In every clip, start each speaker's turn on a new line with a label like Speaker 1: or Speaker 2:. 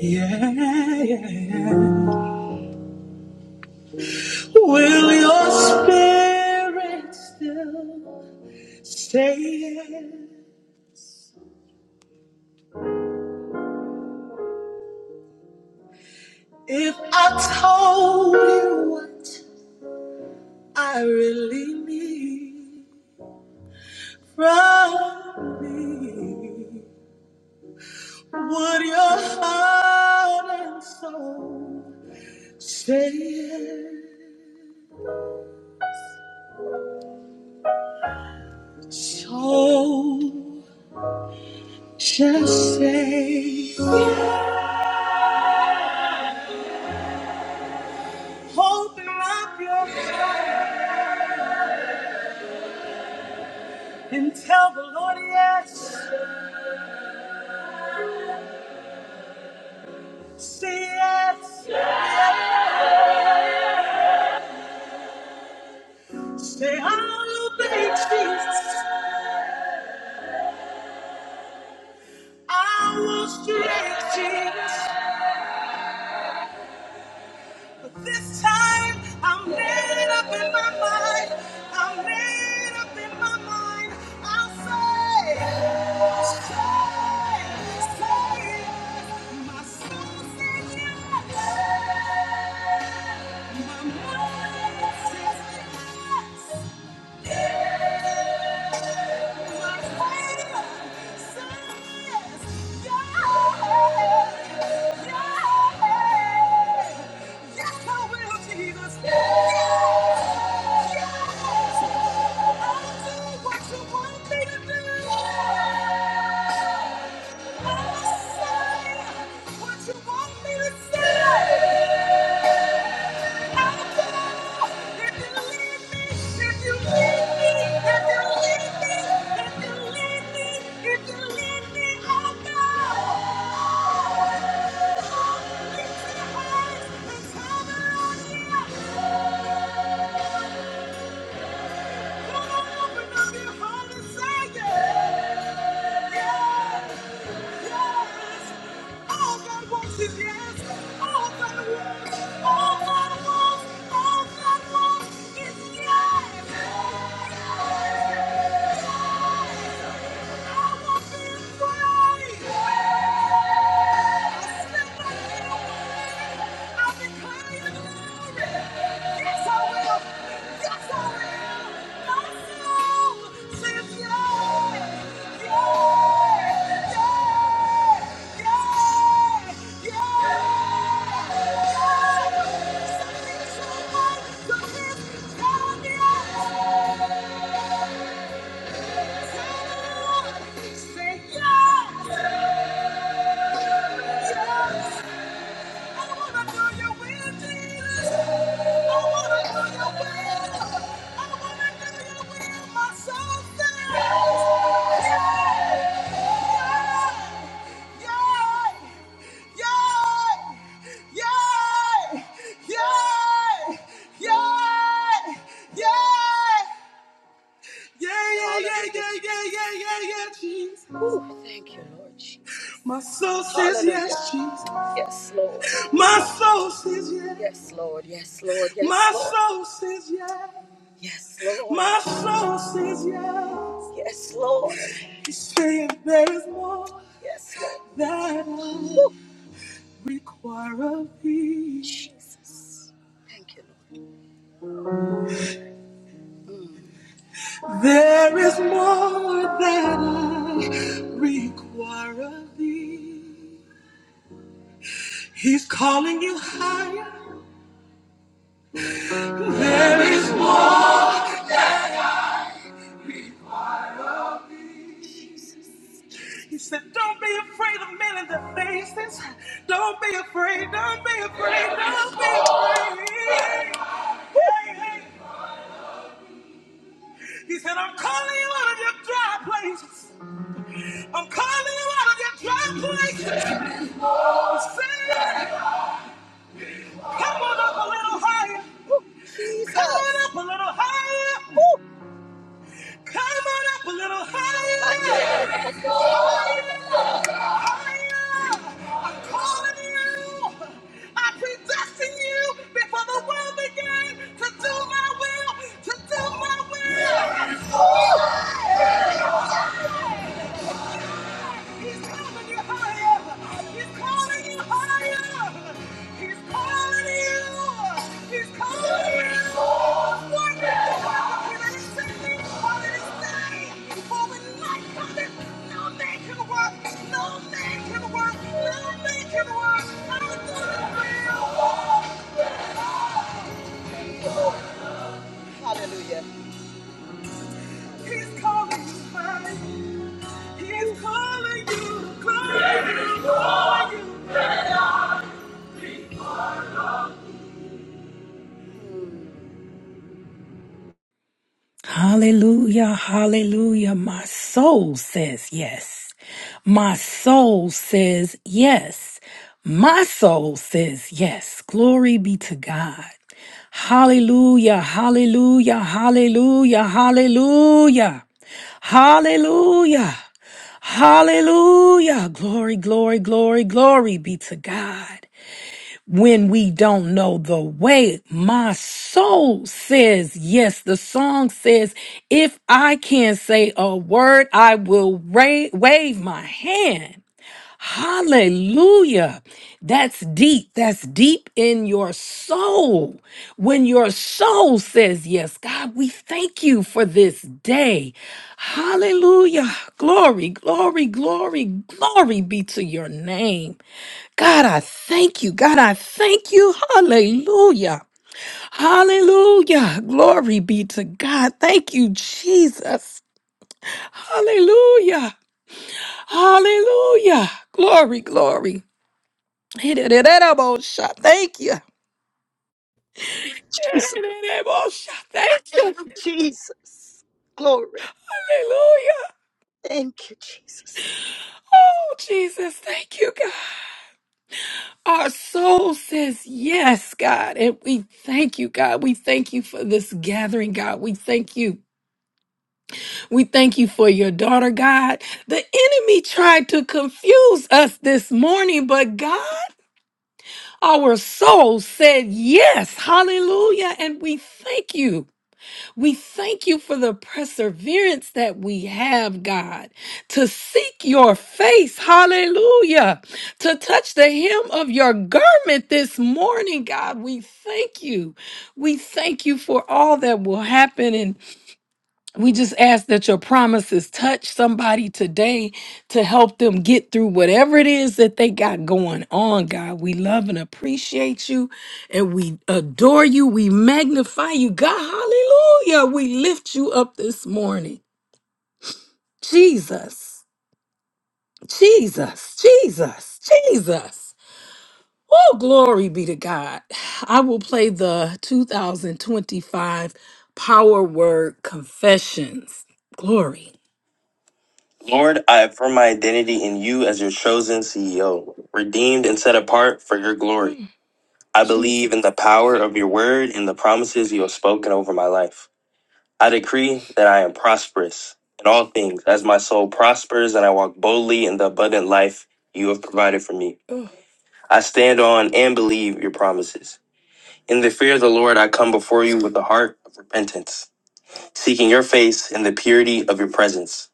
Speaker 1: Yeah, yeah, yeah. Will your spirit still stay here? If I told you what I really need from me, would your heart and soul stay here? So just say, open up your heart. And tell the Lord yes, say yes, say I'll obey Jesus. I will straight Jesus. But this time I'm made up in my mind. I'm made up in my mind. I'll say, say, say yes. My soul says yes. My mind says yes. Yes, I what you want me to do. Yeah. Yes. Yeah! Say yes! Yes! I wanna do your will, Jesus. I wanna do your will. I wanna do your will, my soul says. Yay! Yay! Yay! Yay! Yay! Yay! Yeah, yeah, yeah, yeah, yeah, yeah, yeah, yeah, Jesus. Ooh. Thank you, Lord Jesus. My soul says Hallelujah. yes, Jesus. Yes, Lord. My soul says yes. Yes, Lord. Yes, Lord. Yes, My Lord. soul says yes. Yes, Lord. My soul says yes. Yes, Lord. He's saying there is more. Yes, Lord. That I Woo. require of thee. Jesus. Thank you, Lord. There is more that I require of thee. He's calling you higher. There is more. He said, Don't be afraid of men in their faces. Don't be afraid. Don't be afraid. Don't be afraid. Hey, hey. He said, I'm calling you out of your dry places. I'm calling you out of your dry places. Come on up a little higher. Woo, Jesus. Come on up a little higher. Woo. Come on up a little higher. I'm calling you. I predestined you before the world began to do my will, to do my will. He's calling Hallelujah.
Speaker 2: Hallelujah, hallelujah. My soul says yes. My soul says yes. My soul says yes. Glory be to God. Hallelujah, hallelujah, hallelujah, hallelujah. Hallelujah. Hallelujah. Glory, glory, glory, glory be to God when we don't know the way. My soul says yes. The song says, if I can't say a word, I will ra- wave my hand. Hallelujah. That's deep. That's deep in your soul. When your soul says yes, God, we thank you for this day. Hallelujah. Glory, glory, glory, glory be to your name. God, I thank you. God, I thank you. Hallelujah. Hallelujah. Glory be to God. Thank you, Jesus. Hallelujah. Hallelujah. Glory, glory. Thank you. Thank you. Hallelujah. Oh, Jesus. Thank you, God. Our soul says yes, God. And we thank you, God. We thank you for this gathering, God. We thank you. We thank you for your daughter, God. The enemy tried to confuse us this morning, but God, our soul said yes. Hallelujah. And we thank you. We thank you for the perseverance that we have, God, to seek your face. Hallelujah. To touch the hem of your garment this morning, God. We thank you. We thank you for all that will happen in we just ask that your promises touch somebody today to help them get through whatever it is that they got going on, God. We love and appreciate you and we adore you. We magnify you, God. Hallelujah. We lift you up this morning. Jesus, Jesus, Jesus, Jesus. Oh, glory be to God. I will play the 2025 Power Word Confessions. Glory. Lord, I affirm my identity in you as your chosen CEO, redeemed and set apart for your glory. Mm, I believe in the power of your word and the promises you have spoken over my life. I decree that I am prosperous in all things as my soul prospers and I walk boldly in the abundant life you have provided for me. Mm, I stand on and believe your promises. In the fear of the Lord, I come before you with a heart of repentance, seeking your face in the purity of your presence.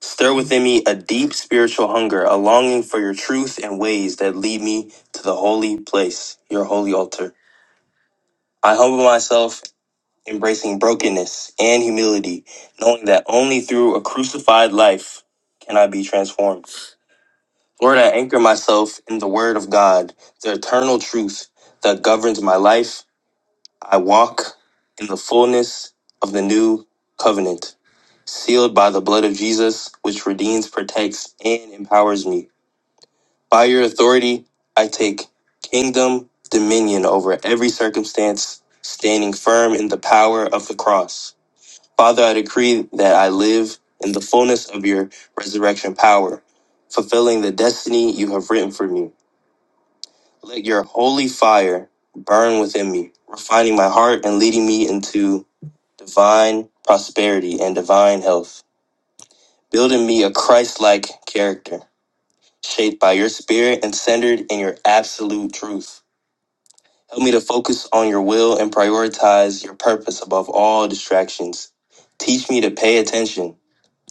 Speaker 2: Stir within me a deep spiritual hunger, a longing for your truth and ways that lead me to the holy place, your holy altar. I humble myself, embracing brokenness and humility, knowing that only through a crucified life can I be transformed. Lord, I anchor myself in the Word of God, the eternal truth that governs my life. I walk in the fullness of the new covenant, sealed by the blood of Jesus, which redeems, protects, and empowers me. By your authority, I take kingdom dominion over every circumstance, standing firm in the power of the cross. Father, I decree that I live in the fullness of your resurrection power, fulfilling the destiny you have written for me. Let your holy fire burn within me, refining my heart and leading me into divine prosperity and divine health, building me a Christ like character, shaped by your spirit and centered in your absolute truth. Help me to focus on your will and prioritize your purpose above all distractions. Teach me to pay attention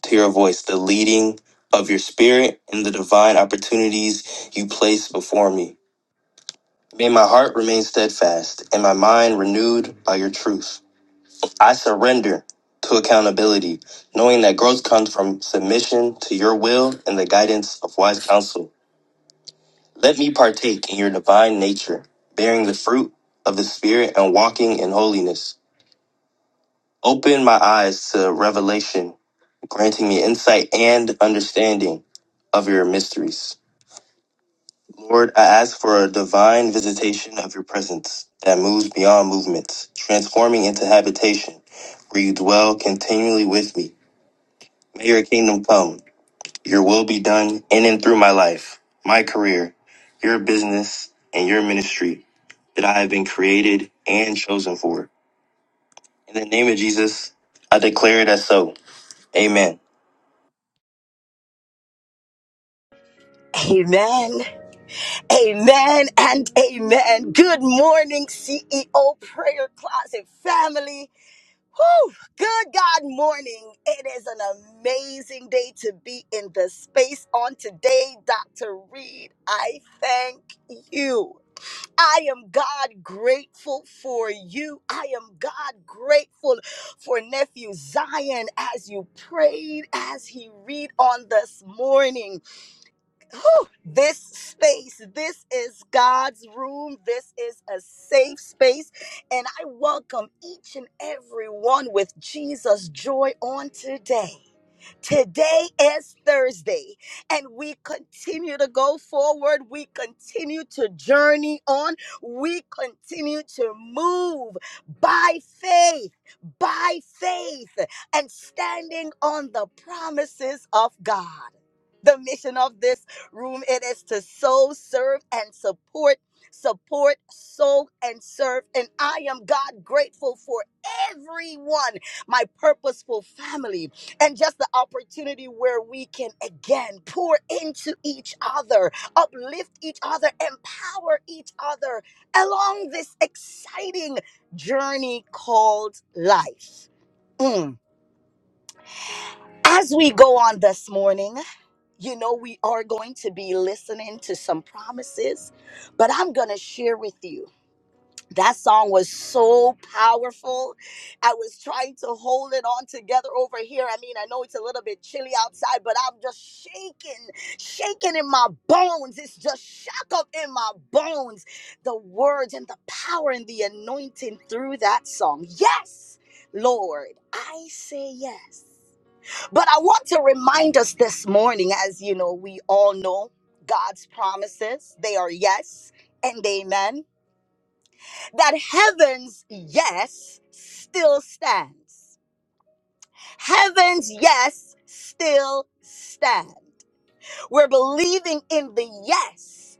Speaker 2: to your voice, the leading of your spirit, and the divine opportunities you place before me. May my heart remain steadfast and my mind renewed by your truth. I surrender to accountability, knowing that growth comes from submission to your will and the guidance of wise counsel. Let me partake in your divine nature, bearing the fruit of the Spirit and walking in holiness. Open my eyes to revelation, granting me insight and understanding of your mysteries. Lord, I ask for a divine visitation of your presence that moves beyond movements, transforming into habitation where you dwell continually with me. May your kingdom come, your will be done in and through my life, my career, your business, and your ministry that I have been created and chosen for. In the name of Jesus, I declare it as so. Amen.
Speaker 1: Amen. Amen and amen. Good morning, CEO Prayer Closet family. Whew! Good God morning. It is an amazing day to be in the space on today. Dr. Reed, I thank you. I am God grateful for you. I am God grateful for nephew Zion as you prayed, as he read on this morning whew, this space. This is God's room. This is a safe space. And I welcome each and every one with Jesus' joy on today. Today is Thursday, and we continue to go forward. We continue to journey on. We continue to move by faith, by faith, and standing on the promises of God. The mission of this room it is to sow, serve, and support. Support, sow, and serve. And I am God grateful for everyone, my purposeful family and just the opportunity where we can again pour into each other, uplift each other, empower each other along this exciting journey called life. Mm. As we go on this morning, you know, we are going to be listening to some promises, but I'm going to share with you. That song was so powerful. I was trying to hold it on together over here. I mean, I know it's a little bit chilly outside, but I'm just shaking, shaking in my bones. It's just shock up in my bones. The words and the power and the anointing through that song. Yes, Lord, I say yes. But I want to remind us this morning, as you know, we all know God's promises, they are yes and amen that heaven's yes still stands. Heaven's yes still stands. We're believing in the yes,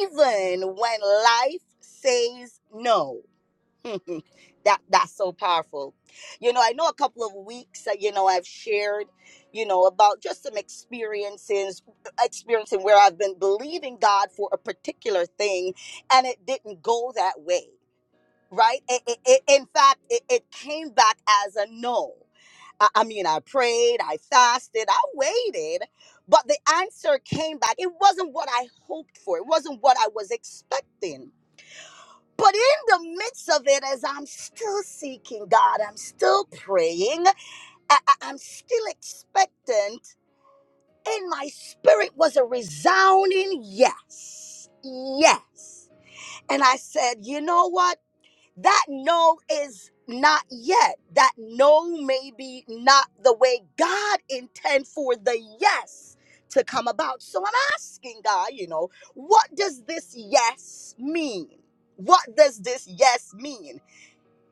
Speaker 1: even when life says no. that that's so powerful. You know, I know a couple of weeks that you know I've shared, you know, about just some experiences, experiencing where I've been believing God for a particular thing, and it didn't go that way right? It, it, it- in fact, it, it came back as a no. I, I mean, I prayed, I fasted, I waited, but the answer came back. It wasn't what I hoped for, it wasn't what I was expecting. But in the midst of it, as I'm still seeking God, I'm still praying, I, I- I'm still expectant, in my spirit was a resounding yes, yes. And I said, you know what? that no is not yet. That no may be not the way God intend for the yes to come about. So I'm asking God, you know, what does this yes mean? What does this yes mean?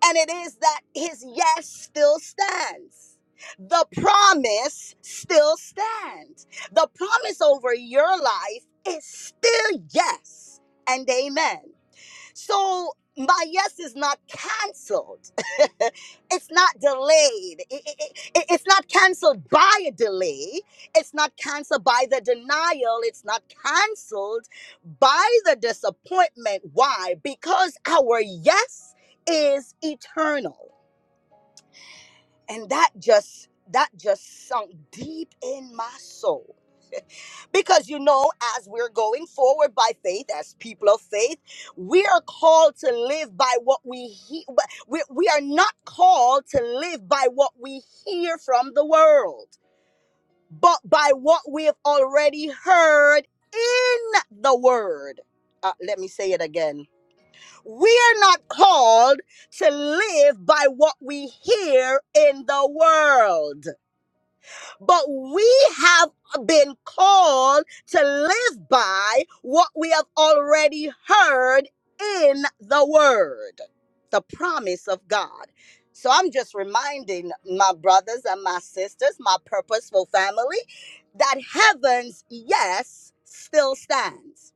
Speaker 1: And it is that his yes still stands. The promise still stands. The promise over your life is still yes and amen. So my yes is not canceled. it's not delayed. I- I- I- it's not canceled by a delay. It's not canceled by the denial. It's not canceled by the disappointment. Why? Because our yes is eternal. And that just that just sunk deep in my soul because you know, as we're going forward by faith, as people of faith, we are called to live by what we hear. We, we are not called to live by what we hear from the world, but by what we have already heard in the word. Uh, let me say it again. We are not called to live by what we hear in the world but we have been called to live by what we have already heard in the word, the promise of God. So I'm just reminding my brothers and my sisters, my purposeful family, that heaven's yes still stands.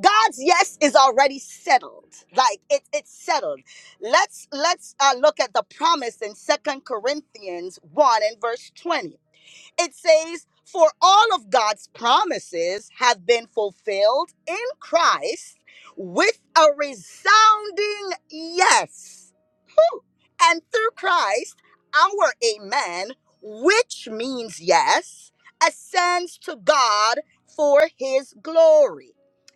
Speaker 1: God's yes is already settled. Like it, it's settled. Let's let's uh, look at the promise in Second Corinthians 1 and verse 20. It says, For all of God's promises have been fulfilled in Christ with a resounding yes. And through Christ, our amen, which means yes, ascends to God for his glory.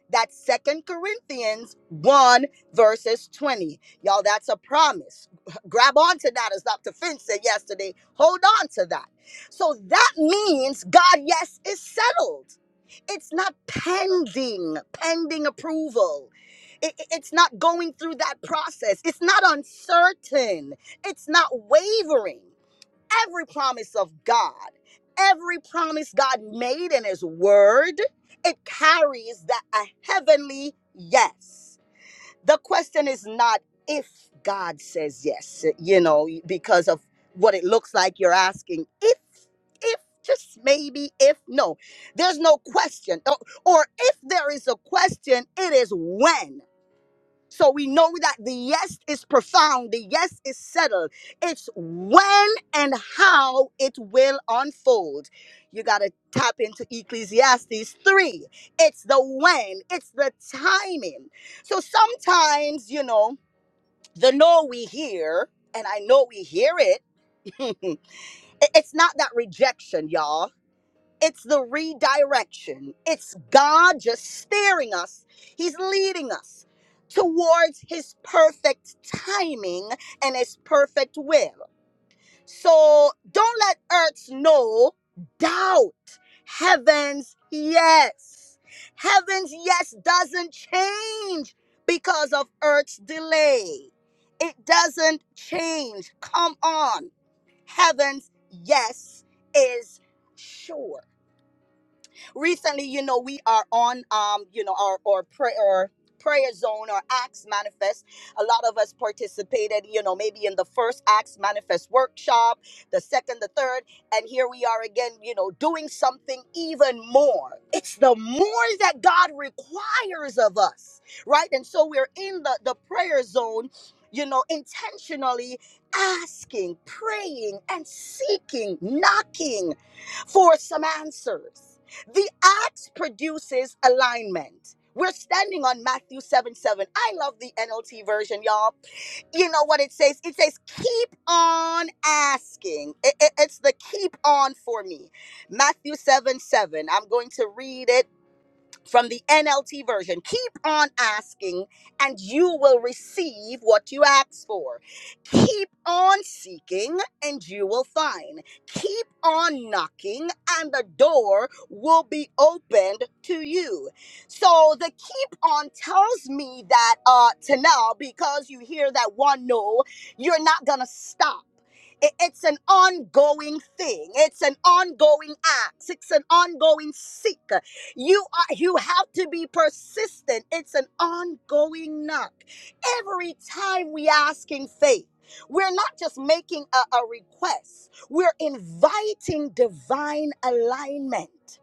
Speaker 1: That's Second Corinthians 1, verses 20. Y'all, that's a promise. Grab onto that, as Dr. Finn said yesterday. Hold on to that. So that means God, yes, is settled it's not pending pending approval It- it- it's not going through that process it's not uncertain it's not wavering every promise of god every promise god made in his word it carries that a heavenly yes the question is not if God says yes, you know, because of what it looks like you're asking. If, if, just maybe, if, no. There's no question. Or, or if there is a question, it is when. So we know that the yes is profound, the yes is settled. It's when and how it will unfold. You got to tap into Ecclesiastes 3. It's the when, it's the timing. So sometimes, you know, the no we hear, and I know we hear it, it- it's not that rejection, y'all it's the redirection. It's God just steering us. He's leading us towards His perfect timing and His perfect will. So don't let earth's no doubt heaven's yes. Heaven's yes doesn't change because of earth's delay. It doesn't change. Come on. Heaven's yes is sure recently you know we are on um you know our or prayer prayer zone or acts manifest a lot of us participated you know maybe in the first acts manifest workshop the second the third and here we are again you know doing something even more it's the more that god requires of us right and so we're in the the prayer zone you know intentionally asking praying and seeking knocking for some answers the axe produces alignment. We're standing on Matthew 7 7. I love the NLT version, y'all. You know what it says? It says, keep on asking. It- it- it's the keep on for me. Matthew 7 7. I'm going to read it from the NLT version. Keep on asking, and you will receive what you ask for. Keep on seeking, and you will find. Keep on knocking, and the door will be opened to you. So the keep on tells me that uh, to now, because you hear that one no, you're not going to stop. It- It's an ongoing thing. It's an ongoing act. It's an ongoing seek. You are you have to be persistent. It's an ongoing knock. Every time we ask in faith, we're not just making a, a request, we're inviting divine alignment.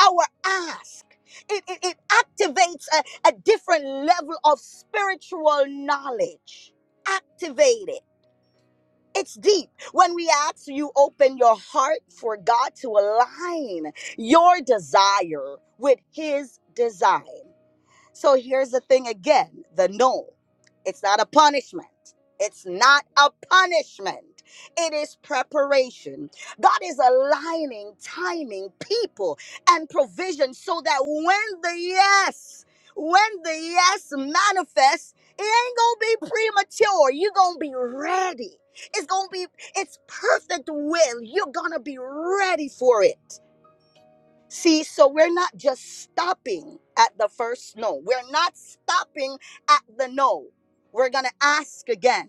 Speaker 1: Our ask. It, it, it activates a, a different level of spiritual knowledge. Activate it it's deep. When we ask you, open your heart for God to align your desire with His design. So here's the thing again the no. It's not a punishment. It's not a punishment. It is preparation. God is aligning, timing, people, and provision so that when the yes, when the yes manifests, it ain't gonna be premature. You're gonna be ready. It's gonna be, it's perfect will. You're gonna be ready for it. See, so we're not just stopping at the first no. We're not stopping at the no. We're going to ask again.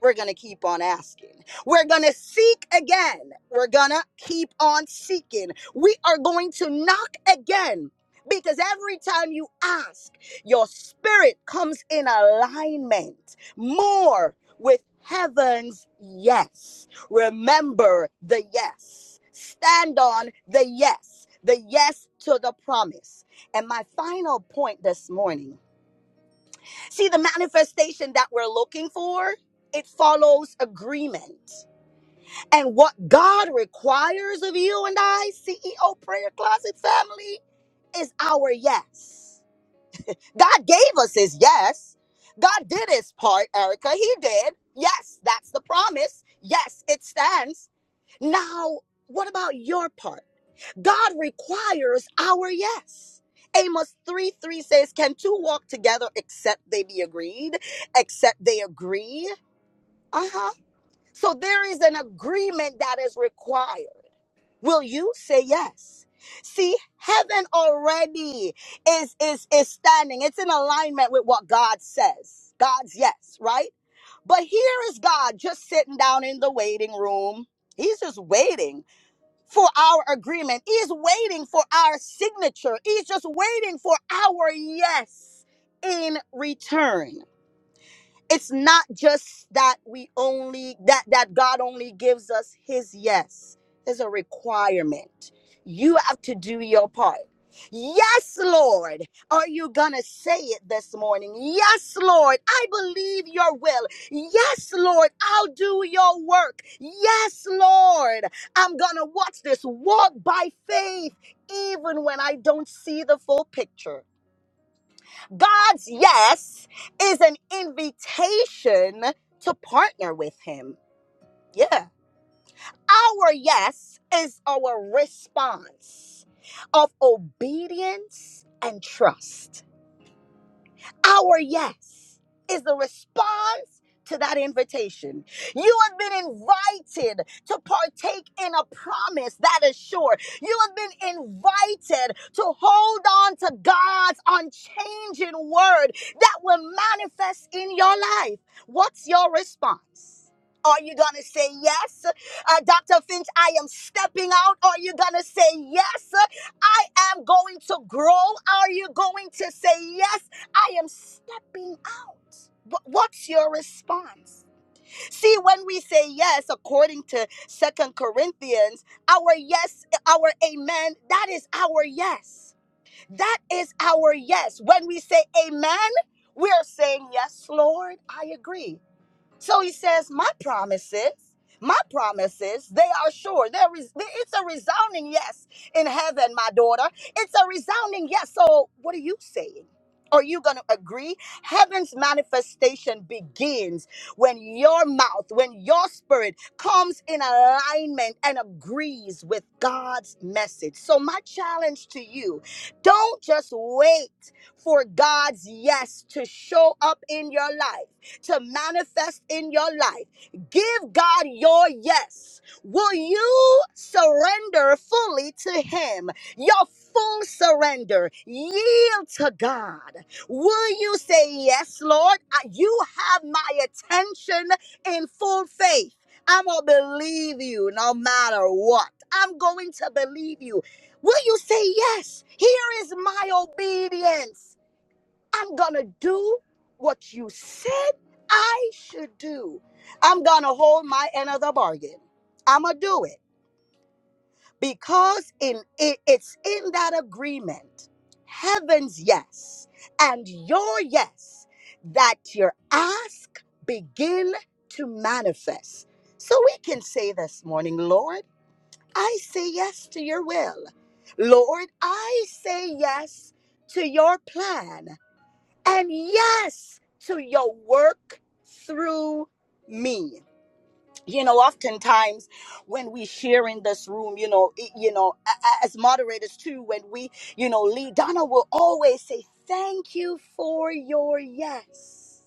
Speaker 1: We're going to keep on asking. We're going to seek again. We're going to keep on seeking. We are going to knock again because every time you ask, your spirit comes in alignment more with heaven's yes. Remember the yes. Stand on the yes, the yes to the promise. And my final point this morning see, the manifestation that we're looking for, it follows agreement. And what God requires of you and I, CEO Prayer Closet family, is our yes. God gave us his yes. God did his part, Erica. He did. Yes, that's the promise. Yes, it stands. Now, what about your part? God requires our yes. Amos 3 3 says, Can two walk together except they be agreed? Except they agree? Uh huh. So there is an agreement that is required. Will you say yes? See, heaven already is is is standing. It's in alignment with what God says. God's yes, right? But here is God just sitting down in the waiting room. He's just waiting for our agreement. He's waiting for our signature. He's just waiting for our yes in return it's not just that we only that that god only gives us his yes there's a requirement you have to do your part yes lord are you gonna say it this morning yes lord i believe your will yes lord i'll do your work yes lord i'm gonna watch this walk by faith even when i don't see the full picture God's yes is an invitation to partner with Him. Yeah. Our yes is our response of obedience and trust. Our yes is the response to that invitation. You have been invited to partake in a promise that is sure. You have been invited to hold on to God's unchanging word that will manifest in your life. What's your response? Are you going to say yes? Uh, Dr. Finch, I am stepping out. Are you going to say yes? I am going to grow. Are you going to say, Yes, I am stepping out? But what's your response? See, when we say yes, according to Second Corinthians, our yes, our amen, that is our yes. That is our yes. When we say amen, we're saying, Yes, Lord, I agree. So he says, My promises, my promises, they are sure. There is it's a resounding yes in heaven, my daughter. It's a resounding yes. So what are you saying? Are you going to agree? Heaven's manifestation begins when your mouth, when your spirit comes in alignment and agrees with God's message. So, my challenge to you don't just wait for God's yes to show up in your life to manifest in your life. Give God your yes. Will you surrender fully to Him? Your full surrender. Yield to God. Will you say, Yes, Lord? I- You have my attention in full faith. I'm going to believe you no matter what. I'm going to believe you. Will you say, Yes, here is my obedience? I'm going to do what you said I should do. I'm going to hold my end of the bargain. I'm going to do it because in it, it's in that agreement. Heaven's yes and your yes that your ask begin to manifest. So we can say this morning, Lord, I say yes to your will. Lord, I say yes to your plan and yes to your work through me you know oftentimes when we share in this room you know it- you know a- a- as moderators too when we you know lead donna will always say thank you for your yes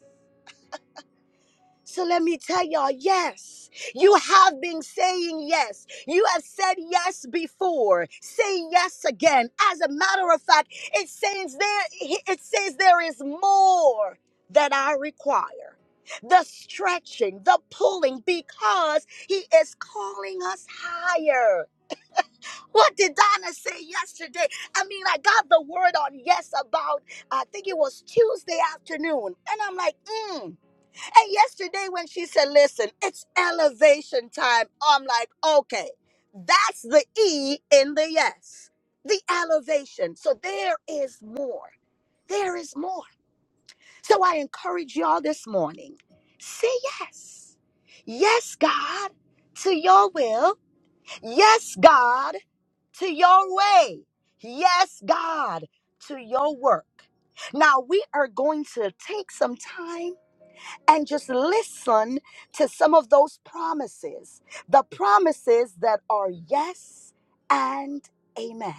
Speaker 1: so let me tell y'all, yes, you have been saying yes. You have said yes before. Say yes again. As a matter of fact, it says there it says there is more that I require. The stretching, the pulling, because he is calling us higher. What did Donna say yesterday? I mean, I got the word on yes about, I think it was Tuesday afternoon. And I'm like, mm, and yesterday, when she said, Listen, it's elevation time, I'm like, Okay, that's the E in the yes, the elevation. So there is more. There is more. So I encourage y'all this morning say yes. Yes, God, to your will. Yes, God, to your way. Yes, God, to your work. Now we are going to take some time and just listen to some of those promises the promises that are yes and amen.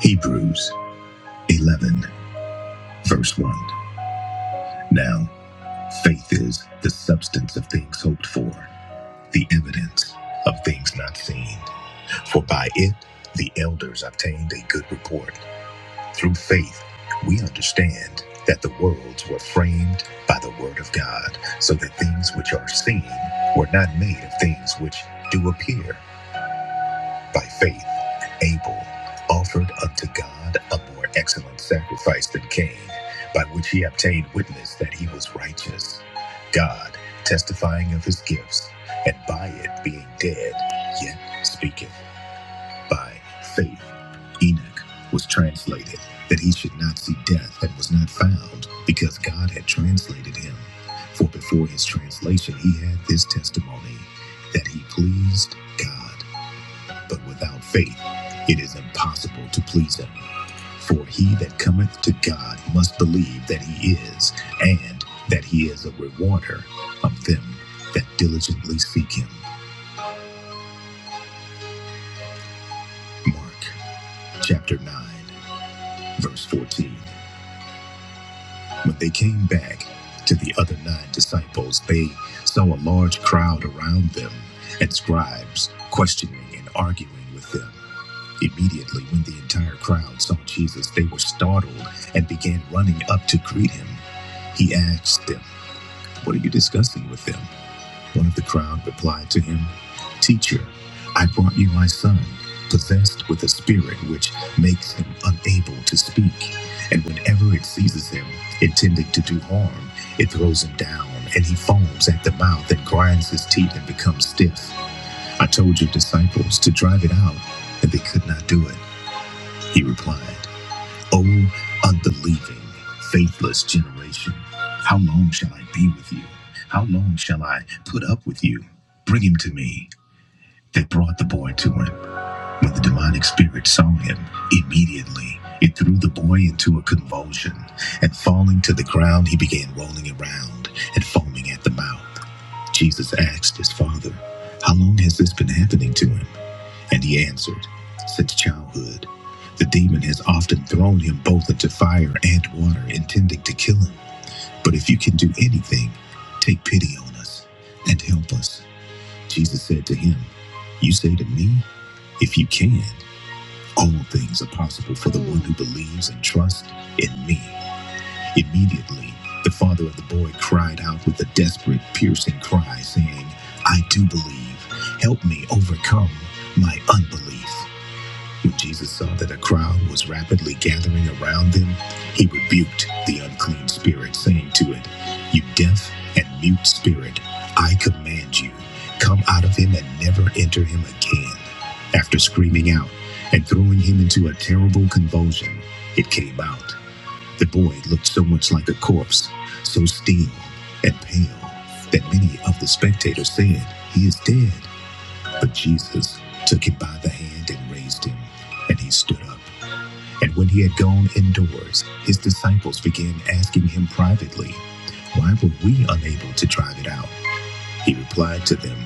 Speaker 1: Hebrews 11, verse 1. Now, faith is the substance of things hoped for, the evidence of things not seen. For by it the elders obtained a good report. Through faith, we understand that the worlds were framed by the Word of God, so that things which are seen were not made of things which do appear. By faith, Abel offered unto God a more excellent sacrifice than Cain, by which he obtained witness that he was righteous. God testifying of his gifts, and by it being dead, yet speaketh. By faith, Enoch was translated that he should not see death and was not found because God had translated him. For before his translation, he had this testimony that he pleased God. But without faith, it is impossible to please him. For he that cometh to God must believe that he is, and that he is a rewarder of them that diligently seek him. Mark chapter 9, verse 14. When they came back to the other nine disciples, they saw a large crowd around them and scribes questioning and arguing with them. Immediately, when the entire crowd saw Jesus, they were startled and began running up to greet him. He asked them, What are you discussing with them? One of the crowd replied to him, Teacher, I brought you my son, possessed with a spirit which makes him unable to speak. And whenever it seizes him, intending to do harm, it throws him down, and he foams at the mouth and grinds his teeth and becomes stiff. I told your disciples to drive it out, and they could not do it, he replied. O unbelieving, faithless generation, how long shall I be with you? How long shall I put up with you? Bring him to me. They brought the boy to him. When the demonic spirit saw him, immediately it threw the boy into a convulsion, and falling to the ground, he began rolling around and foaming at the mouth. Jesus asked his father, How long has this been happening to him? And he answered, Since childhood, the demon has often thrown him both into fire and water, intending to kill him. But if you can do anything, take pity on us and help us. Jesus said to him, You say to me, If you can, all things are possible for the one who believes and trusts in me. Immediately, the father of the boy cried out with a desperate, piercing cry, saying, I do believe. Help me overcome my unbelief. When Jesus saw that a crowd was rapidly gathering around them, he rebuked the unclean spirit, saying to it, You deaf and mute spirit, I command you, come out of him and never enter him again. After screaming out and throwing him into a terrible convulsion, it came out. The boy looked so much like a corpse, so still and pale, that many of the spectators said, He is dead. But Jesus took him by the hand and raised him, and he stood up. And when he had gone indoors, his disciples began asking him privately, Why were we unable to drive it out? He replied to them,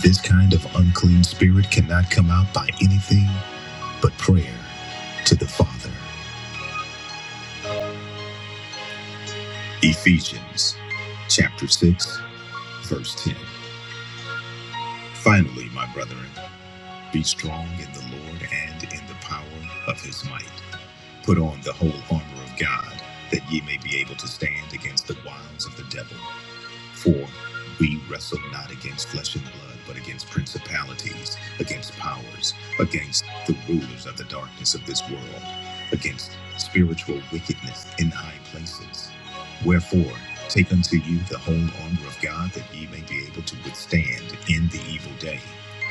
Speaker 1: This kind of unclean spirit cannot come out by anything but prayer to the Father. Ephesians chapter 6, verse 10. Finally, my brethren, be strong in the Lord and in the power of his might. Put on the whole armor of God, that ye may be able to stand against the wiles of the devil. For we wrestle not against flesh and blood, but against principalities, against powers, against the rulers of the darkness of this world, against spiritual wickedness in high places. Wherefore, take unto you the whole armor of God, that ye may be able to withstand in the evil day.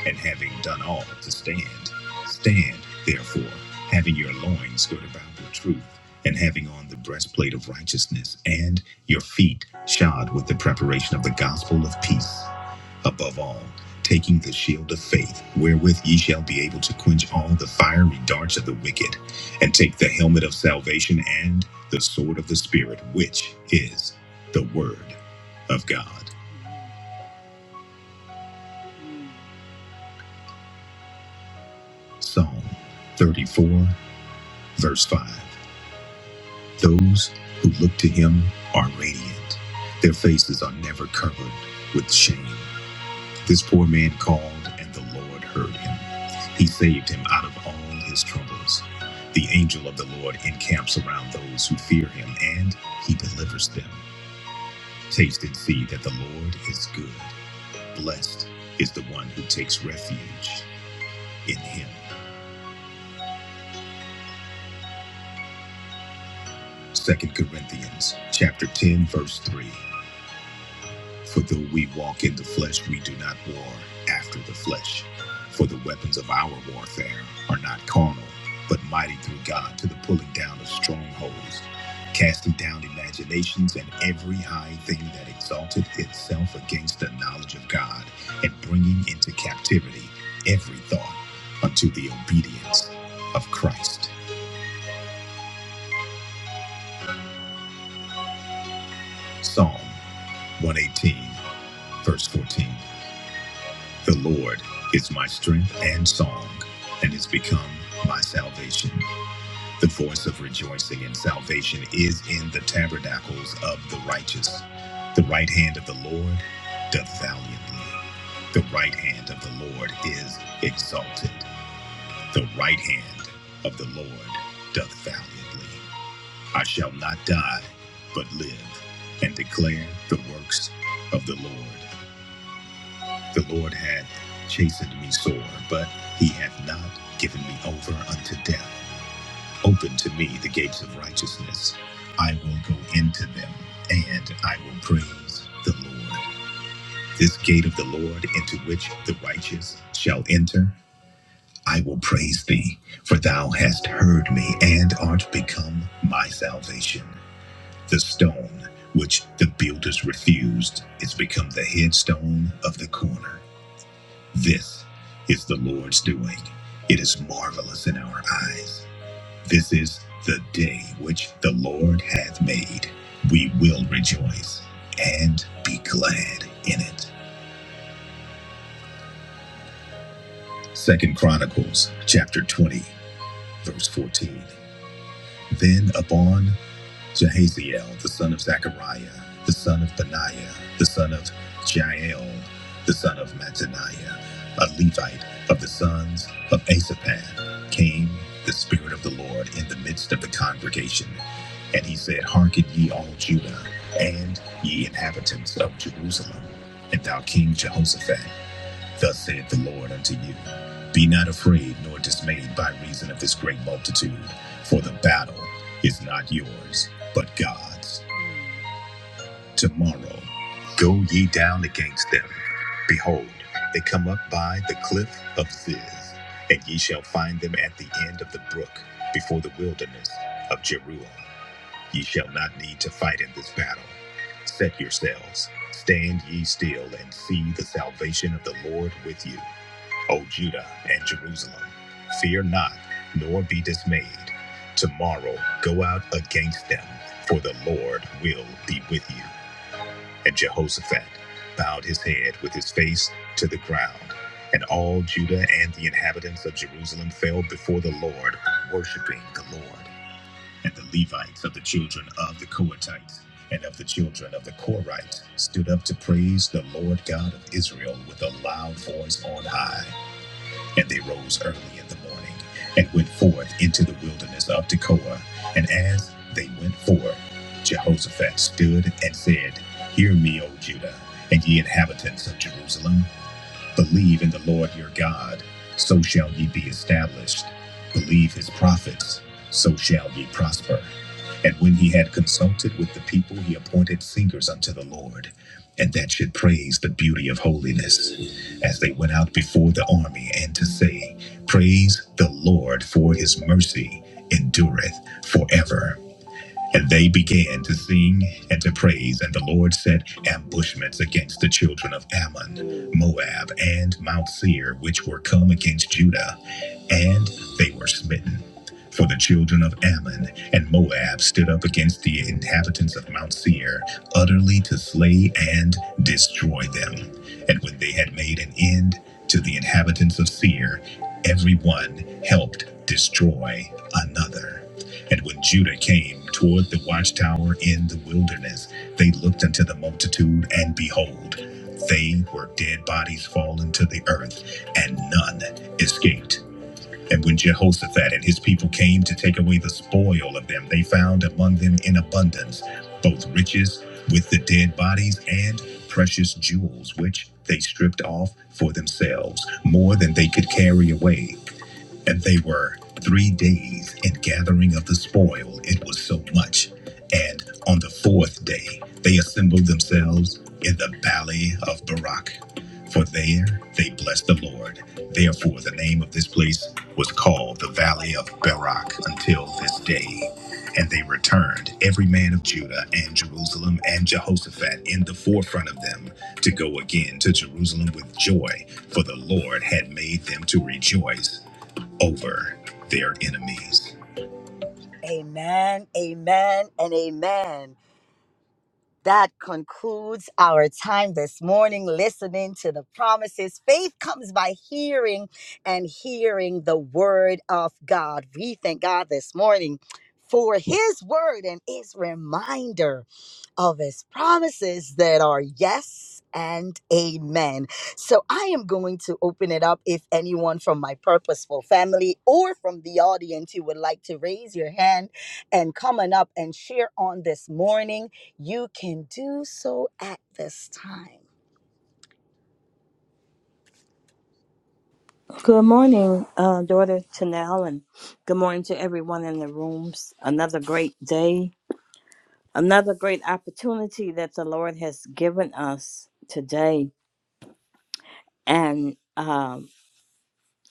Speaker 1: And having done all to stand, stand therefore, having your loins girt about with truth, and having on the breastplate of righteousness, and your feet shod with the preparation of the gospel of peace. Above all, taking the shield of faith, wherewith ye shall be able to quench all the fiery darts of the wicked, and take the helmet of salvation and the sword of the Spirit, which is the Word of God. Psalm 34, verse 5. Those who look to him are radiant, their faces are never covered with shame. This poor man called, and the Lord heard him. He saved him out of all his troubles. The angel of the Lord encamps around those who fear him, and he delivers them. Taste and see that the Lord is good. Blessed is the one who takes refuge in him. Second Corinthians chapter 10 verse 3. For though we walk in the flesh, we do not war after the flesh. For the weapons of our warfare are not carnal, but mighty through God to the pulling down of strongholds, casting down imaginations and every high thing that exalted itself against the knowledge of God, and bringing into captivity every thought unto the obedience of Christ. Psalm 118, verse 14. The Lord is my strength and song, and is become my salvation. The voice of rejoicing and salvation is in the tabernacles of the righteous. The right hand of the Lord doth valiantly. The right hand of the Lord is exalted. The right hand of the Lord doth valiantly. I shall not die, but live, and declare the works of the Lord. The Lord hath chastened me sore, but he hath not given me over unto death. Open to me the gates of righteousness. I will go into them, and I will praise the Lord. This gate of the Lord into which the righteous shall enter, I will praise thee, for thou hast heard me and art become my salvation. The stone which the builders refused is become the headstone of the corner. This is the Lord's doing. It is marvelous in our eyes. This is the day which the Lord hath made. We will rejoice and be glad in it. Second Chronicles chapter 20, verse 14. Then upon Jahaziel, the son of Zechariah, the son of Benaiah, the son of Jael, the son of Mattaniah, a Levite of the sons of Asaphat, came the Spirit of the Lord in the midst of the congregation. And he said, Hearken ye all Judah, and ye inhabitants of Jerusalem, and thou King Jehoshaphat. Thus saith the Lord unto you Be not afraid nor dismayed by reason of this great multitude, for the battle is not yours, but God's. Tomorrow go ye down against them. Behold, they come up by the cliff of Ziz, and ye shall find them at the end of the brook, before the wilderness of Jeruel. Ye shall not need to fight in this battle. Set yourselves, stand ye still, and see the salvation of the Lord with you. O Judah and Jerusalem, fear not, nor be dismayed. Tomorrow go out against them, for the Lord will be with you. And Jehoshaphat bowed his head with his face to the ground. And all Judah and the inhabitants of Jerusalem fell before the Lord, worshiping the Lord. And the Levites of the children of the Kohathites and of the children of the Korites stood up to praise the Lord God of Israel with a loud voice on high. And they rose early in the morning and went forth into the wilderness of Tekoa. And as they went forth, Jehoshaphat stood and said, Hear me, O Judah, and ye inhabitants of Jerusalem. Believe in the Lord your God, so shall ye be established. Believe his prophets, so shall ye prosper. And when he had consulted with the people, he appointed singers unto the Lord, and that should praise the beauty of holiness, as they went out before the army, and to say, Praise the Lord, for his mercy endureth forever. And they began to sing and to praise, and the Lord set ambushments against the children of Ammon, Moab, and Mount Seir, which were come against Judah, and they were smitten. For the children of Ammon and Moab stood up against the inhabitants of Mount Seir, utterly to slay and destroy them. And when they had made an end to the inhabitants of Seir, every one helped destroy another. And when Judah came toward the watchtower in the wilderness, they looked unto the multitude, and behold, they were dead bodies fallen to the earth, and none escaped. And when Jehoshaphat and his people came to take away the spoil of them, they found among them in abundance both riches with the dead bodies and precious jewels, which they stripped off for themselves, more than they could carry away. And they were three days in gathering of the spoil, it was so much. And on the fourth day, they assembled themselves in the valley of Barak. For there they blessed the Lord. Therefore, the name of this place was called the Valley of Barak until this day. And they returned, every man of Judah and Jerusalem and Jehoshaphat in the forefront of them, to go again to Jerusalem with joy, for the Lord had made them to rejoice over their enemies. Amen, amen, and amen. That concludes our time this morning listening to the promises. Faith comes by hearing and hearing the word of God. We thank God this morning for his word and his reminder of his promises that are yes and amen. So I am going to open it up if anyone from my purposeful family or from the audience you would like to raise your hand and come on up and share on this morning. You can do so at this time.
Speaker 3: Good morning, uh, daughter Tanel, and good morning to everyone in the rooms. Another great day, another great opportunity that the Lord has given us today, and um,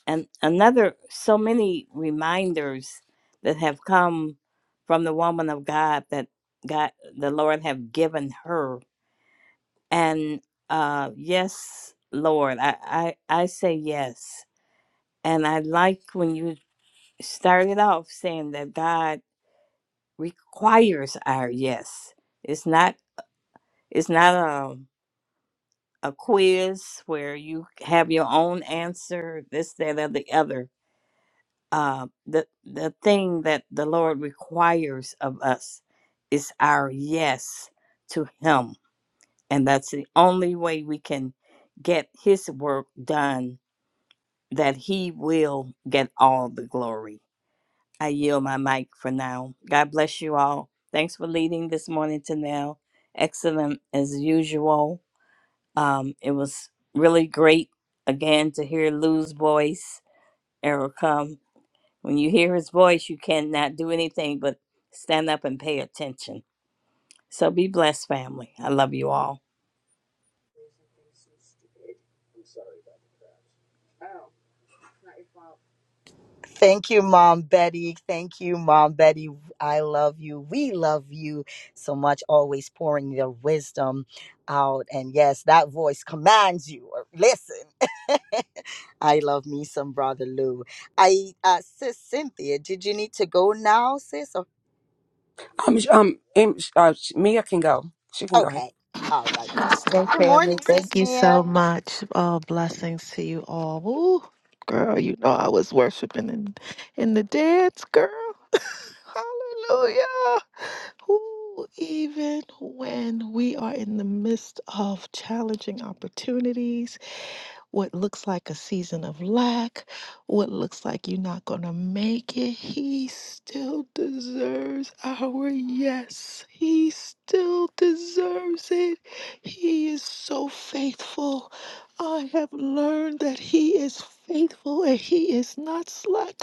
Speaker 3: and another so many reminders that have come from the woman of God that God the Lord have given her. And uh, yes, Lord, I I, I say yes, and I like when you started off saying that God requires our yes. It's not it's not a a quiz where you have your own answer, this, that, or the other. Uh, the the thing that the Lord requires of us is our yes to Him, and that's the only way we can get His work done. That He will get all the glory. I yield my mic for now. God bless you all. Thanks for leading this morning to Excellent as usual. Um, it was really great again to hear Lou's voice. Errol When you hear his voice, you cannot do anything but stand up and pay attention. So be blessed, family. I love you all.
Speaker 1: Thank you, Mom Betty. Thank you, Mom Betty. I love you. We love you so much, always pouring your wisdom out. And yes, that voice commands you. Listen. I love me some brother Lou. I uh sis Cynthia, did you need to go now, sis? Or,
Speaker 4: Um, um, Am- uh, Mia can go. She can go ahead.
Speaker 1: okay. All right, sis.
Speaker 5: Hey,
Speaker 1: Good
Speaker 5: family.
Speaker 1: morning, sis
Speaker 5: Thank you
Speaker 1: Mia.
Speaker 5: so much. Oh, blessings to you all. Ooh, girl, you know I was worshiping in, in the dance, girl. Hallelujah. Ooh, even when we are in the midst of challenging opportunities, what looks like a season of lack, what looks like you're not going to make it, He still deserves our yes. He still deserves it. He is so faithful. I have learned that He is faithful and He is not slack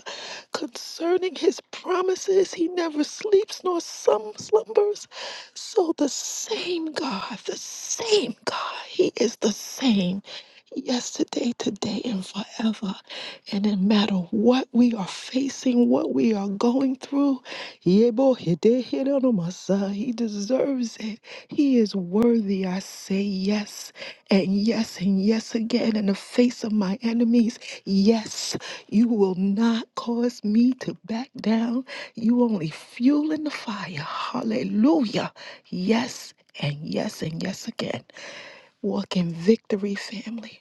Speaker 5: concerning His promises. He never sleeps nor some slumbers. So the same God, the same God, He is the same yesterday, today, and forever. And no matter what we are facing, what we are going through, Yebo hede hede no masa, He deserves it. He is worthy. I say yes and yes and yes again in the face of my enemies. Yes, you will not cause me to back down. You only fuel in the fire. Hallelujah. Yes and yes and yes again. Walk in victory, family.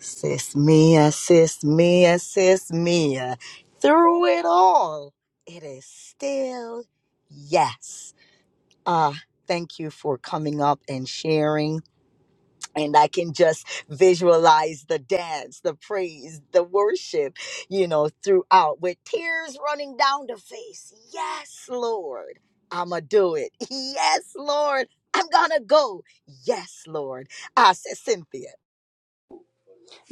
Speaker 1: Sis Mia, sis Mia, sis Mia. Through it all, it is still yes. Uh, thank you for coming up and sharing. And I can just visualize the dance, the praise, the worship, you know, throughout with tears running down the face. Yes, Lord, I'ma do it. Yes, Lord, I'm gonna go. Yes, Lord. Ah, sis Cynthia.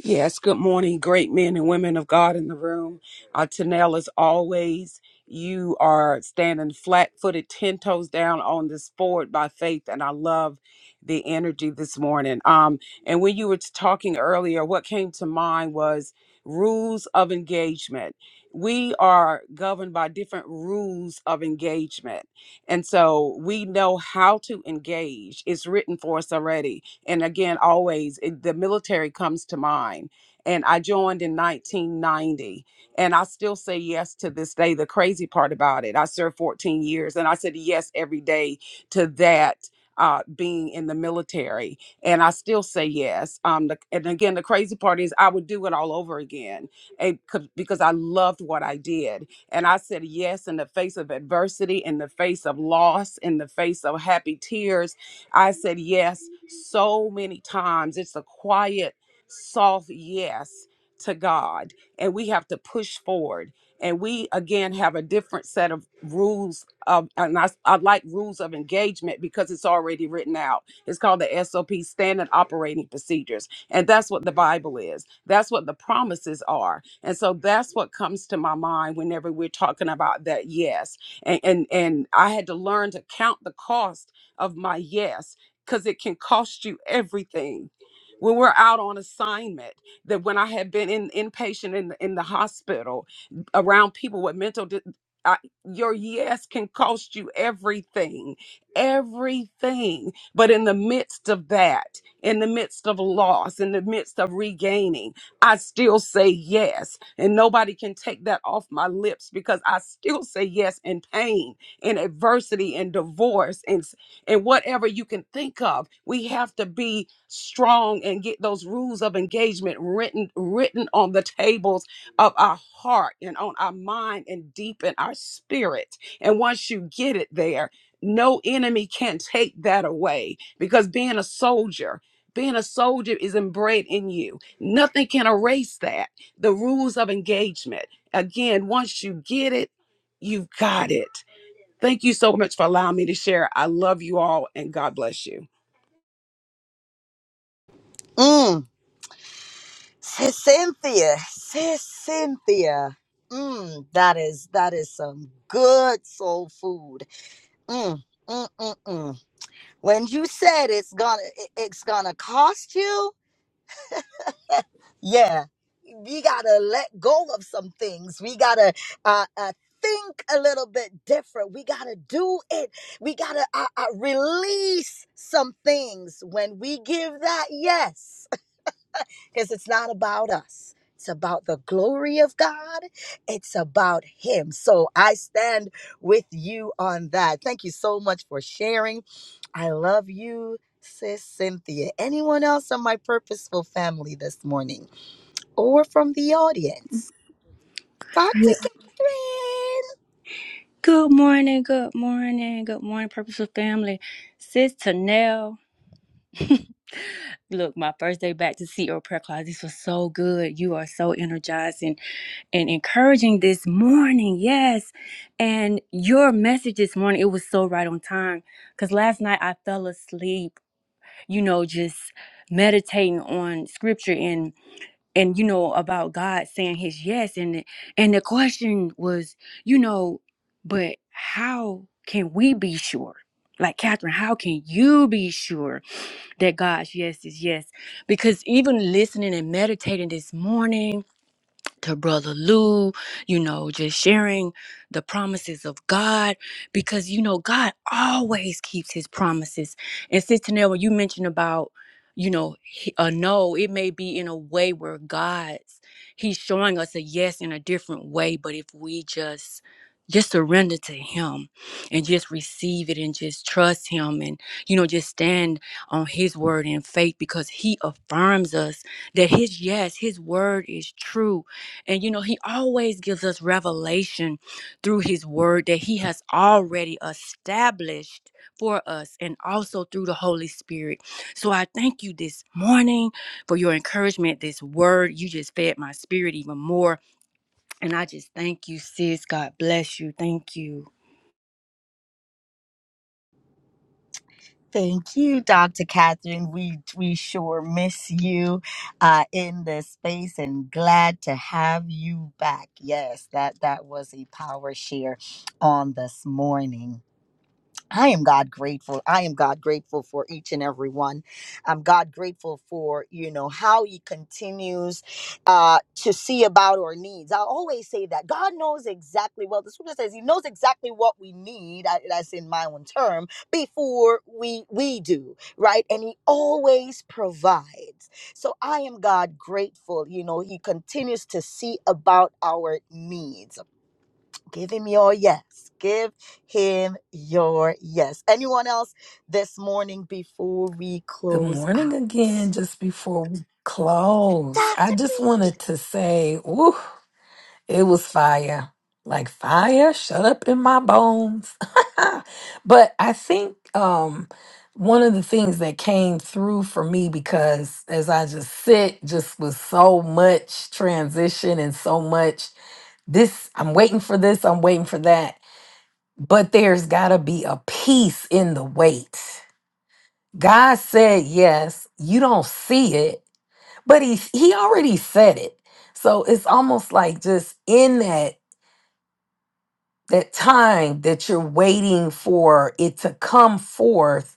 Speaker 4: Yes, good morning, great men and women of God in the room. Uh, Tanel, as always, you are standing flat footed, 10 toes down on this forward by faith. And I love the energy this morning. Um, and when you were talking earlier, what came to mind was rules of engagement. We are governed by different rules of engagement. And so we know how to engage, it's written for us already and again, always it, the military comes to mind. And I joined in 1990, and I still say yes to this day. The crazy part about it, I served 14 years, and I said yes every day to that. Uh, being in the military, and I still say yes. Um, the, and again, the crazy part is I would do it all over again eh, 'cause- because I loved what I did. And I said yes in the face of adversity, in the face of loss, in the face of happy tears. I said yes so many times. It's a quiet, soft yes to God, and we have to push forward. And we again have a different set of rules of, and I, I like rules of engagement because it's already written out. It's called the SOP, Standard Operating Procedures, and that's what the Bible is. That's what the promises are, and so that's what comes to my mind whenever we're talking about that yes. And and and I had to learn to count the cost of my yes because it can cost you everything. When we're out on assignment, that when I had been in inpatient in in the hospital around people with mental, di- I, your yes can cost you everything, everything. But in the midst of that, in the midst of loss, in the midst of regaining, I still say yes, and nobody can take that off my lips because I still say yes in pain, in adversity, in divorce, in and whatever you can think of. We have to be strong and get those rules of engagement written written on the tables of our heart and on our mind and deep in our spirit. And once you get it there, no enemy can take that away because being a soldier being a soldier is inbred in you. Nothing can erase that. The rules of engagement. Again, once you get it, you've got it. Thank you so much for allowing me to share. I love you all and God bless you.
Speaker 1: Mm. Sis Cynthia, sis Cynthia. Mm, that is that is some good soul food. Mm, mm, mm, mm. When you said it's gonna it- it's gonna cost you, yeah, we gotta let go of some things. We gotta uh, uh think a little bit different. We gotta do it. We gotta uh, uh, release some things when we give that yes. because it's not about us. It's about the glory of God. It's about Him. So I stand with you on that. Thank you so much for sharing. I love you, Sis Cynthia. Anyone else on my purposeful family this morning or from the audience?
Speaker 6: Mm-hmm.
Speaker 1: Dr.
Speaker 7: Yeah.
Speaker 1: Catherine.
Speaker 7: Good morning, good morning, good morning, Purposeful Family. Sis Tanel. Look, my first day back to see your Prayer class. This was so good. You are so energizing and encouraging this morning. Yes. And your message this morning, it was so right on time. Because last night I fell asleep, you know, just meditating on scripture. and you know about God saying his yes and the- and the question was you know but how can we be sure like Catherine how can you be sure that God's yes is yes because even listening and meditating this morning to Brother Lou, you know, just sharing the promises of God because, you know, God always keeps his promises. And Sister Nell, when you mentioned about, you know, he- a no, it may be in a way where God's, he's showing us a yes in a different way, but if we just, just surrender to him and just receive it and just trust him and you know just stand on his word in faith because he affirms us that his yes his word is true and you know, he always gives us revelation through his word that he has already established for us and also through the Holy Spirit. So I thank you this morning for your encouragement, this word. You just fed my spirit even more. And I just thank you, sis. God bless you. Thank you.
Speaker 1: Thank you, Dr. Catherine. We we sure miss you uh, in this space, and glad to have you back. Yes, that that was a power share on this morning. I am God grateful. I am God grateful for each and every one. I'm God grateful for, you know, how he continues uh, to see about our needs. I always say that God knows exactly, well, the scripture says he knows exactly what we need, I- that's in my own term, before we, we do, right? And he always provides. So I am God grateful. You know, he continues to see about our needs Give him your yes. Give him your yes. Anyone else this morning before we
Speaker 2: Good
Speaker 1: close
Speaker 2: morning
Speaker 1: out?
Speaker 2: again, just before we close. I just wanted to say, ooh, it was fire. Like fire shut up in my bones. but I think um one of the things that came through for me because as I just sit just with so much transition and so much this I'm waiting for this, I'm waiting for that. But there's gotta be a peace in the wait. God said yes. You don't see it, but he he already said it. So it's almost like just in that that time that you're waiting for it to come forth,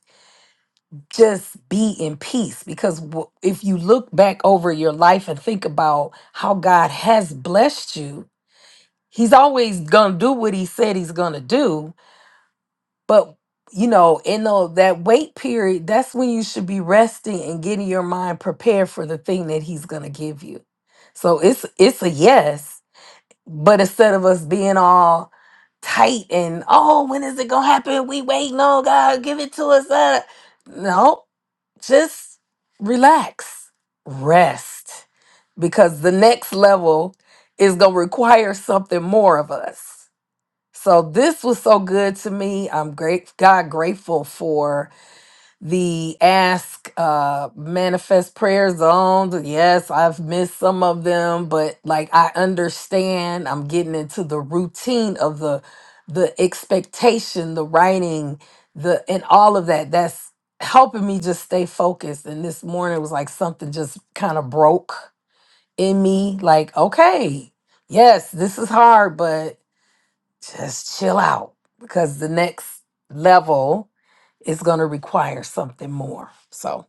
Speaker 2: just be in peace because w- if you look back over your life and think about how God has blessed you, he's always going to do what he said he's going to do But you know, in the, that wait period, that's when you should be resting and getting your mind prepared for the thing that he's going to give you. So it's it's a yes, but instead of us being all tight and oh, when is it gonna happen? We wait, no God, give it to us. Uh. No, just relax, rest, because the next level is gonna require something more of us. So this was so good to me. I'm great, God grateful for the ask, uh, manifest prayer zones. Yes, I've missed some of them, but like I understand, I'm getting into the routine of the, the expectation, the writing, the and all of that. That's helping me just stay focused. And this morning was like something just kind of broke in me. Like, okay, yes, this is hard, but just chill out because the next level is going to require something more. So,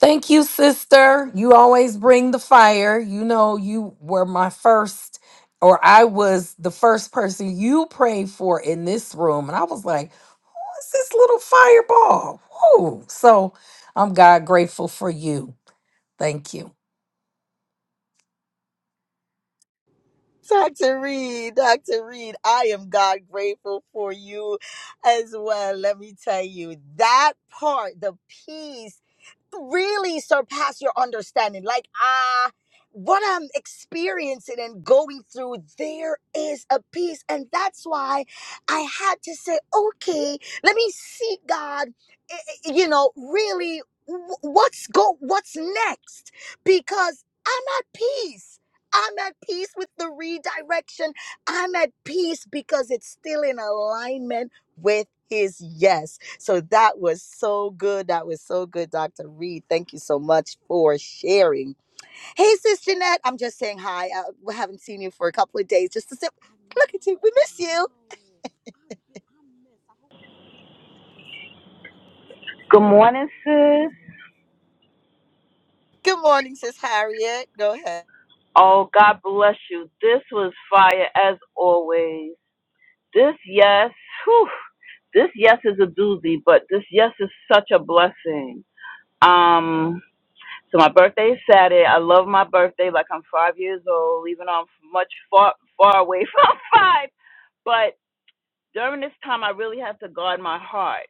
Speaker 2: thank you, sister. You always bring the fire. You know, you were my first, or I was the first person you prayed for in this room. And I was like, what's this little fireball? Whoa. So, I'm God grateful for you. Thank you.
Speaker 1: Dr. Reed, Dr. Reed, I am God grateful for you as well. Let me tell you that part, the peace really surpass your understanding. Like, ah, what I'm experiencing and going through, there is a peace. And that's why I had to say, okay, let me see God, eh, eh, you know, really wh- what's go what's next because i'm at peace i'm at peace with the redirection i'm at peace because it's still in alignment with his yes so that was so good. That was so good, Dr. Reed. Thank you so much for sharing. Hey, Sis Jeanette, I'm just saying hi. Uh, we haven't seen you for a couple of days. Just to sip.
Speaker 6: I
Speaker 1: Look at
Speaker 6: know,
Speaker 1: you. We
Speaker 6: I
Speaker 1: miss you.
Speaker 6: know. I bi- I miss. I hope you can hear me. Listen, the conference doesn't
Speaker 8: Good
Speaker 6: start till a
Speaker 8: morning,
Speaker 6: little later this
Speaker 8: sis.
Speaker 6: morning.
Speaker 1: Good morning, Sis Harriet. Go ahead.
Speaker 8: Oh, God bless you. This was fire as always. This yes, whew, this yes is a doozy, but this yes is such a blessing. Um, so my birthday is Saturday. I love my birthday like I'm five years old, even though I'm much far far away from five. But during this time, I really have to guard my heart,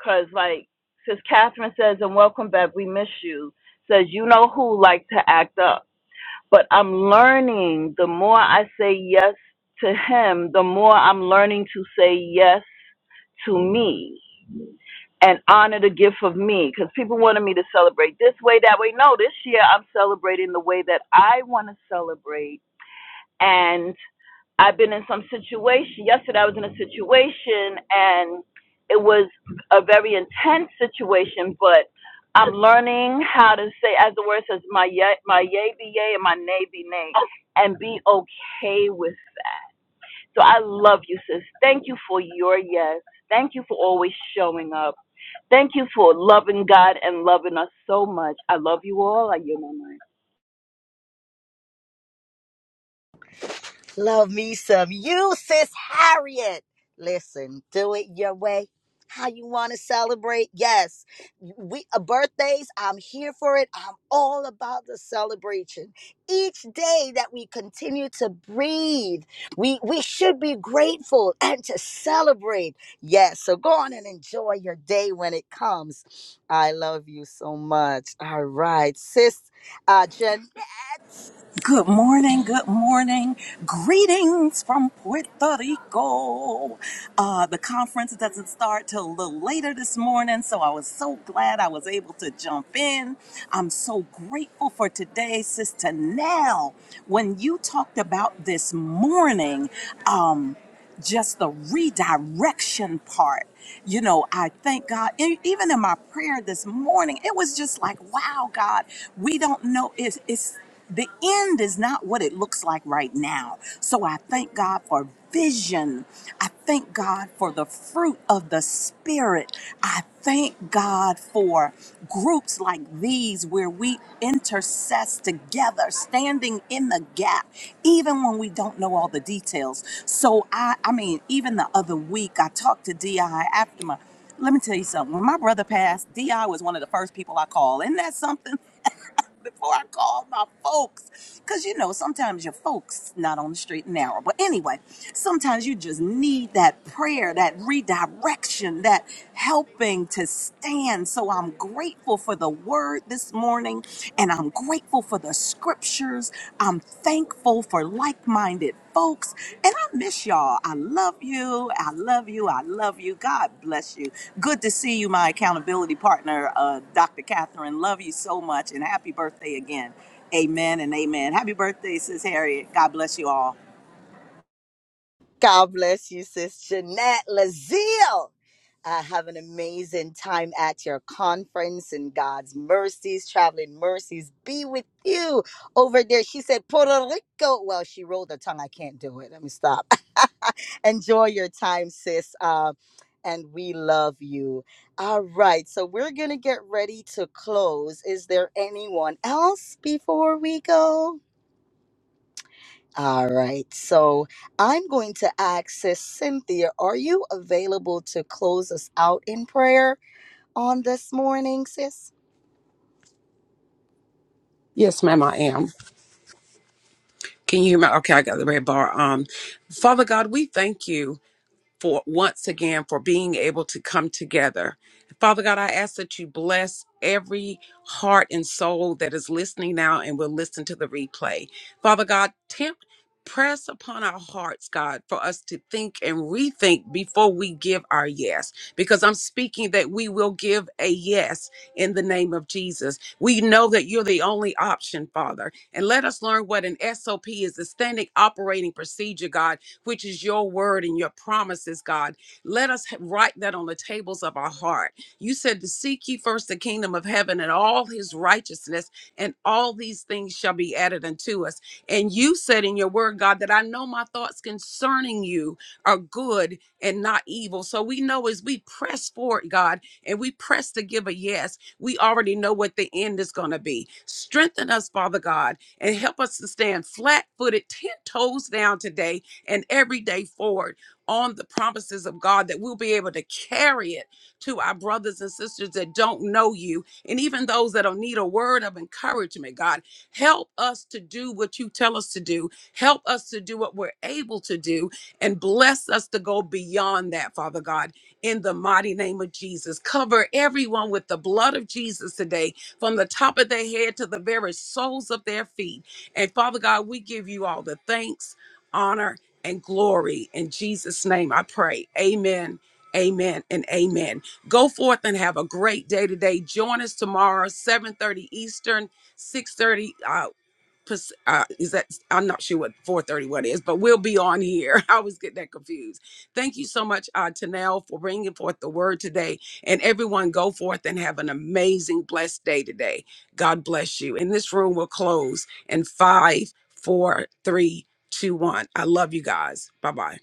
Speaker 8: cause like Sis Catherine says, and welcome back. We miss you. Says you know who like to act up. but I'm learning the more I say yes to him, the more I'm learning to say yes to me and honor the gift of me. Because people wanted me to celebrate this way, that way. No, this year I'm celebrating the way that I want to celebrate. And. I've been in some situation. Yesterday, I was in a situation, and it was a very intense situation. But I'm learning how to say, as the word says, my yea, my yea be yea, and my nay be nay, and be okay with. it. So I love you, sis. Thank you for your yes. Thank you for always showing up. Thank you for loving God and loving us so much. I love you all. I yield my mic.
Speaker 1: Love me some you, Sis Harriet. Listen, do it your way. How you want to celebrate? Yes, we uh, birthdays. I'm here for it. I'm all about the celebration. Each day that we continue to breathe, we we should be grateful and to celebrate. Yes, so go on and enjoy your day when it comes. I love you so much. All right, sis, uh, Jen.
Speaker 6: Good morning, good morning. Greetings from Puerto Rico. Uh, the conference doesn't start till a little later this morning, so I was so glad I was able to jump in. I'm so grateful for today, Sister Nell. When you talked about this morning, um, just the redirection part. You know, I thank God. E- Even in my prayer this morning, it was just like, wow, God, we don't know. It's, it's the end is not what it looks like right now. So I thank God for vision. I thank God for the fruit of the Spirit. I thank God for groups like these where we intercess together, standing in the gap, even when we don't know all the details. So I, I mean, even the other week, I talked to Di after my. Let me tell you something. When my brother passed, Di was one of the first people I called. Isn't that something? before I called my folks. Because, you know, sometimes your folks not on the straight and narrow. But anyway, sometimes you just need that prayer, that redirection, that helping to stand. So I'm grateful for the word this morning, and I'm grateful for the scriptures. I'm thankful for like minded folks. And I miss y'all. I love you. I love you. I love you. God bless you. Good to see you, my accountability partner, uh, Dr. Catherine. Love you so much. And happy birthday again. Amen and amen. Happy birthday, Sis Harriet. God bless you all.
Speaker 1: God bless you, Sis Jeanette Lazille. Uh, have an amazing time at your conference and God's mercies, traveling mercies be with you over there. She said Puerto Rico. Well, she rolled her tongue. I can't do it. Let me stop. Enjoy your time, sis. Uh, and we love you. All right. So we're going to get ready to close. Is there anyone else before we go? All right. So I'm going to ask Sis Cynthia, are you available to close us out in prayer on this morning, sis?
Speaker 4: Yes, ma'am, I am. Can you hear me? Okay, I got the red bar. Um, Father God, we thank you. for once again for being able to come together. Father God, I ask that you bless every heart and soul that is listening now and will listen to the replay. Father God, tempt press upon our hearts, God, for us to think and rethink before we give our yes. Because I'm speaking that we will give a yes in the name of Jesus. We know that you're the only option, Father. And let us learn what an SOP is, the standing operating procedure, God which is your word and your promises, God. Let us ha- write that on the tables of our heart. You said to seek ye first the kingdom of heaven and all his righteousness, and all these things shall be added unto us. And you said in your word, God, that I know my thoughts concerning you are good and not evil. So we know as we press forward, God, and we press to give a yes, we already know what the end is going to be. Strengthen us, Father God, and help us to stand flat footed, 10 toes down today and every day forward on the promises of God that we'll be able to carry it to our brothers and sisters that don't know you and even those that don't need a word of encouragement, God. Help us to do what you tell us to do. Help us to do what we're able to do and bless us to go beyond that, Father God, in the mighty name of Jesus. Cover everyone with the blood of Jesus today, from the top of their head to the very soles of their feet. And Father God, we give you all the thanks, honor, and glory. In Jesus' name I pray. Amen. Amen and amen. Go forth and have a great day today. Join us tomorrow, 7:30 Eastern, 6:30 uh, Pas- uh is that I'm not sure what 4:30 what is, but we'll be on here. I always get that confused. Thank you so much, uh, Tanel, for bringing forth the word today. And everyone, go forth and have an amazing, blessed day today. God bless you. And this room will close in five, four, three, two, one. I love you guys. Bye bye.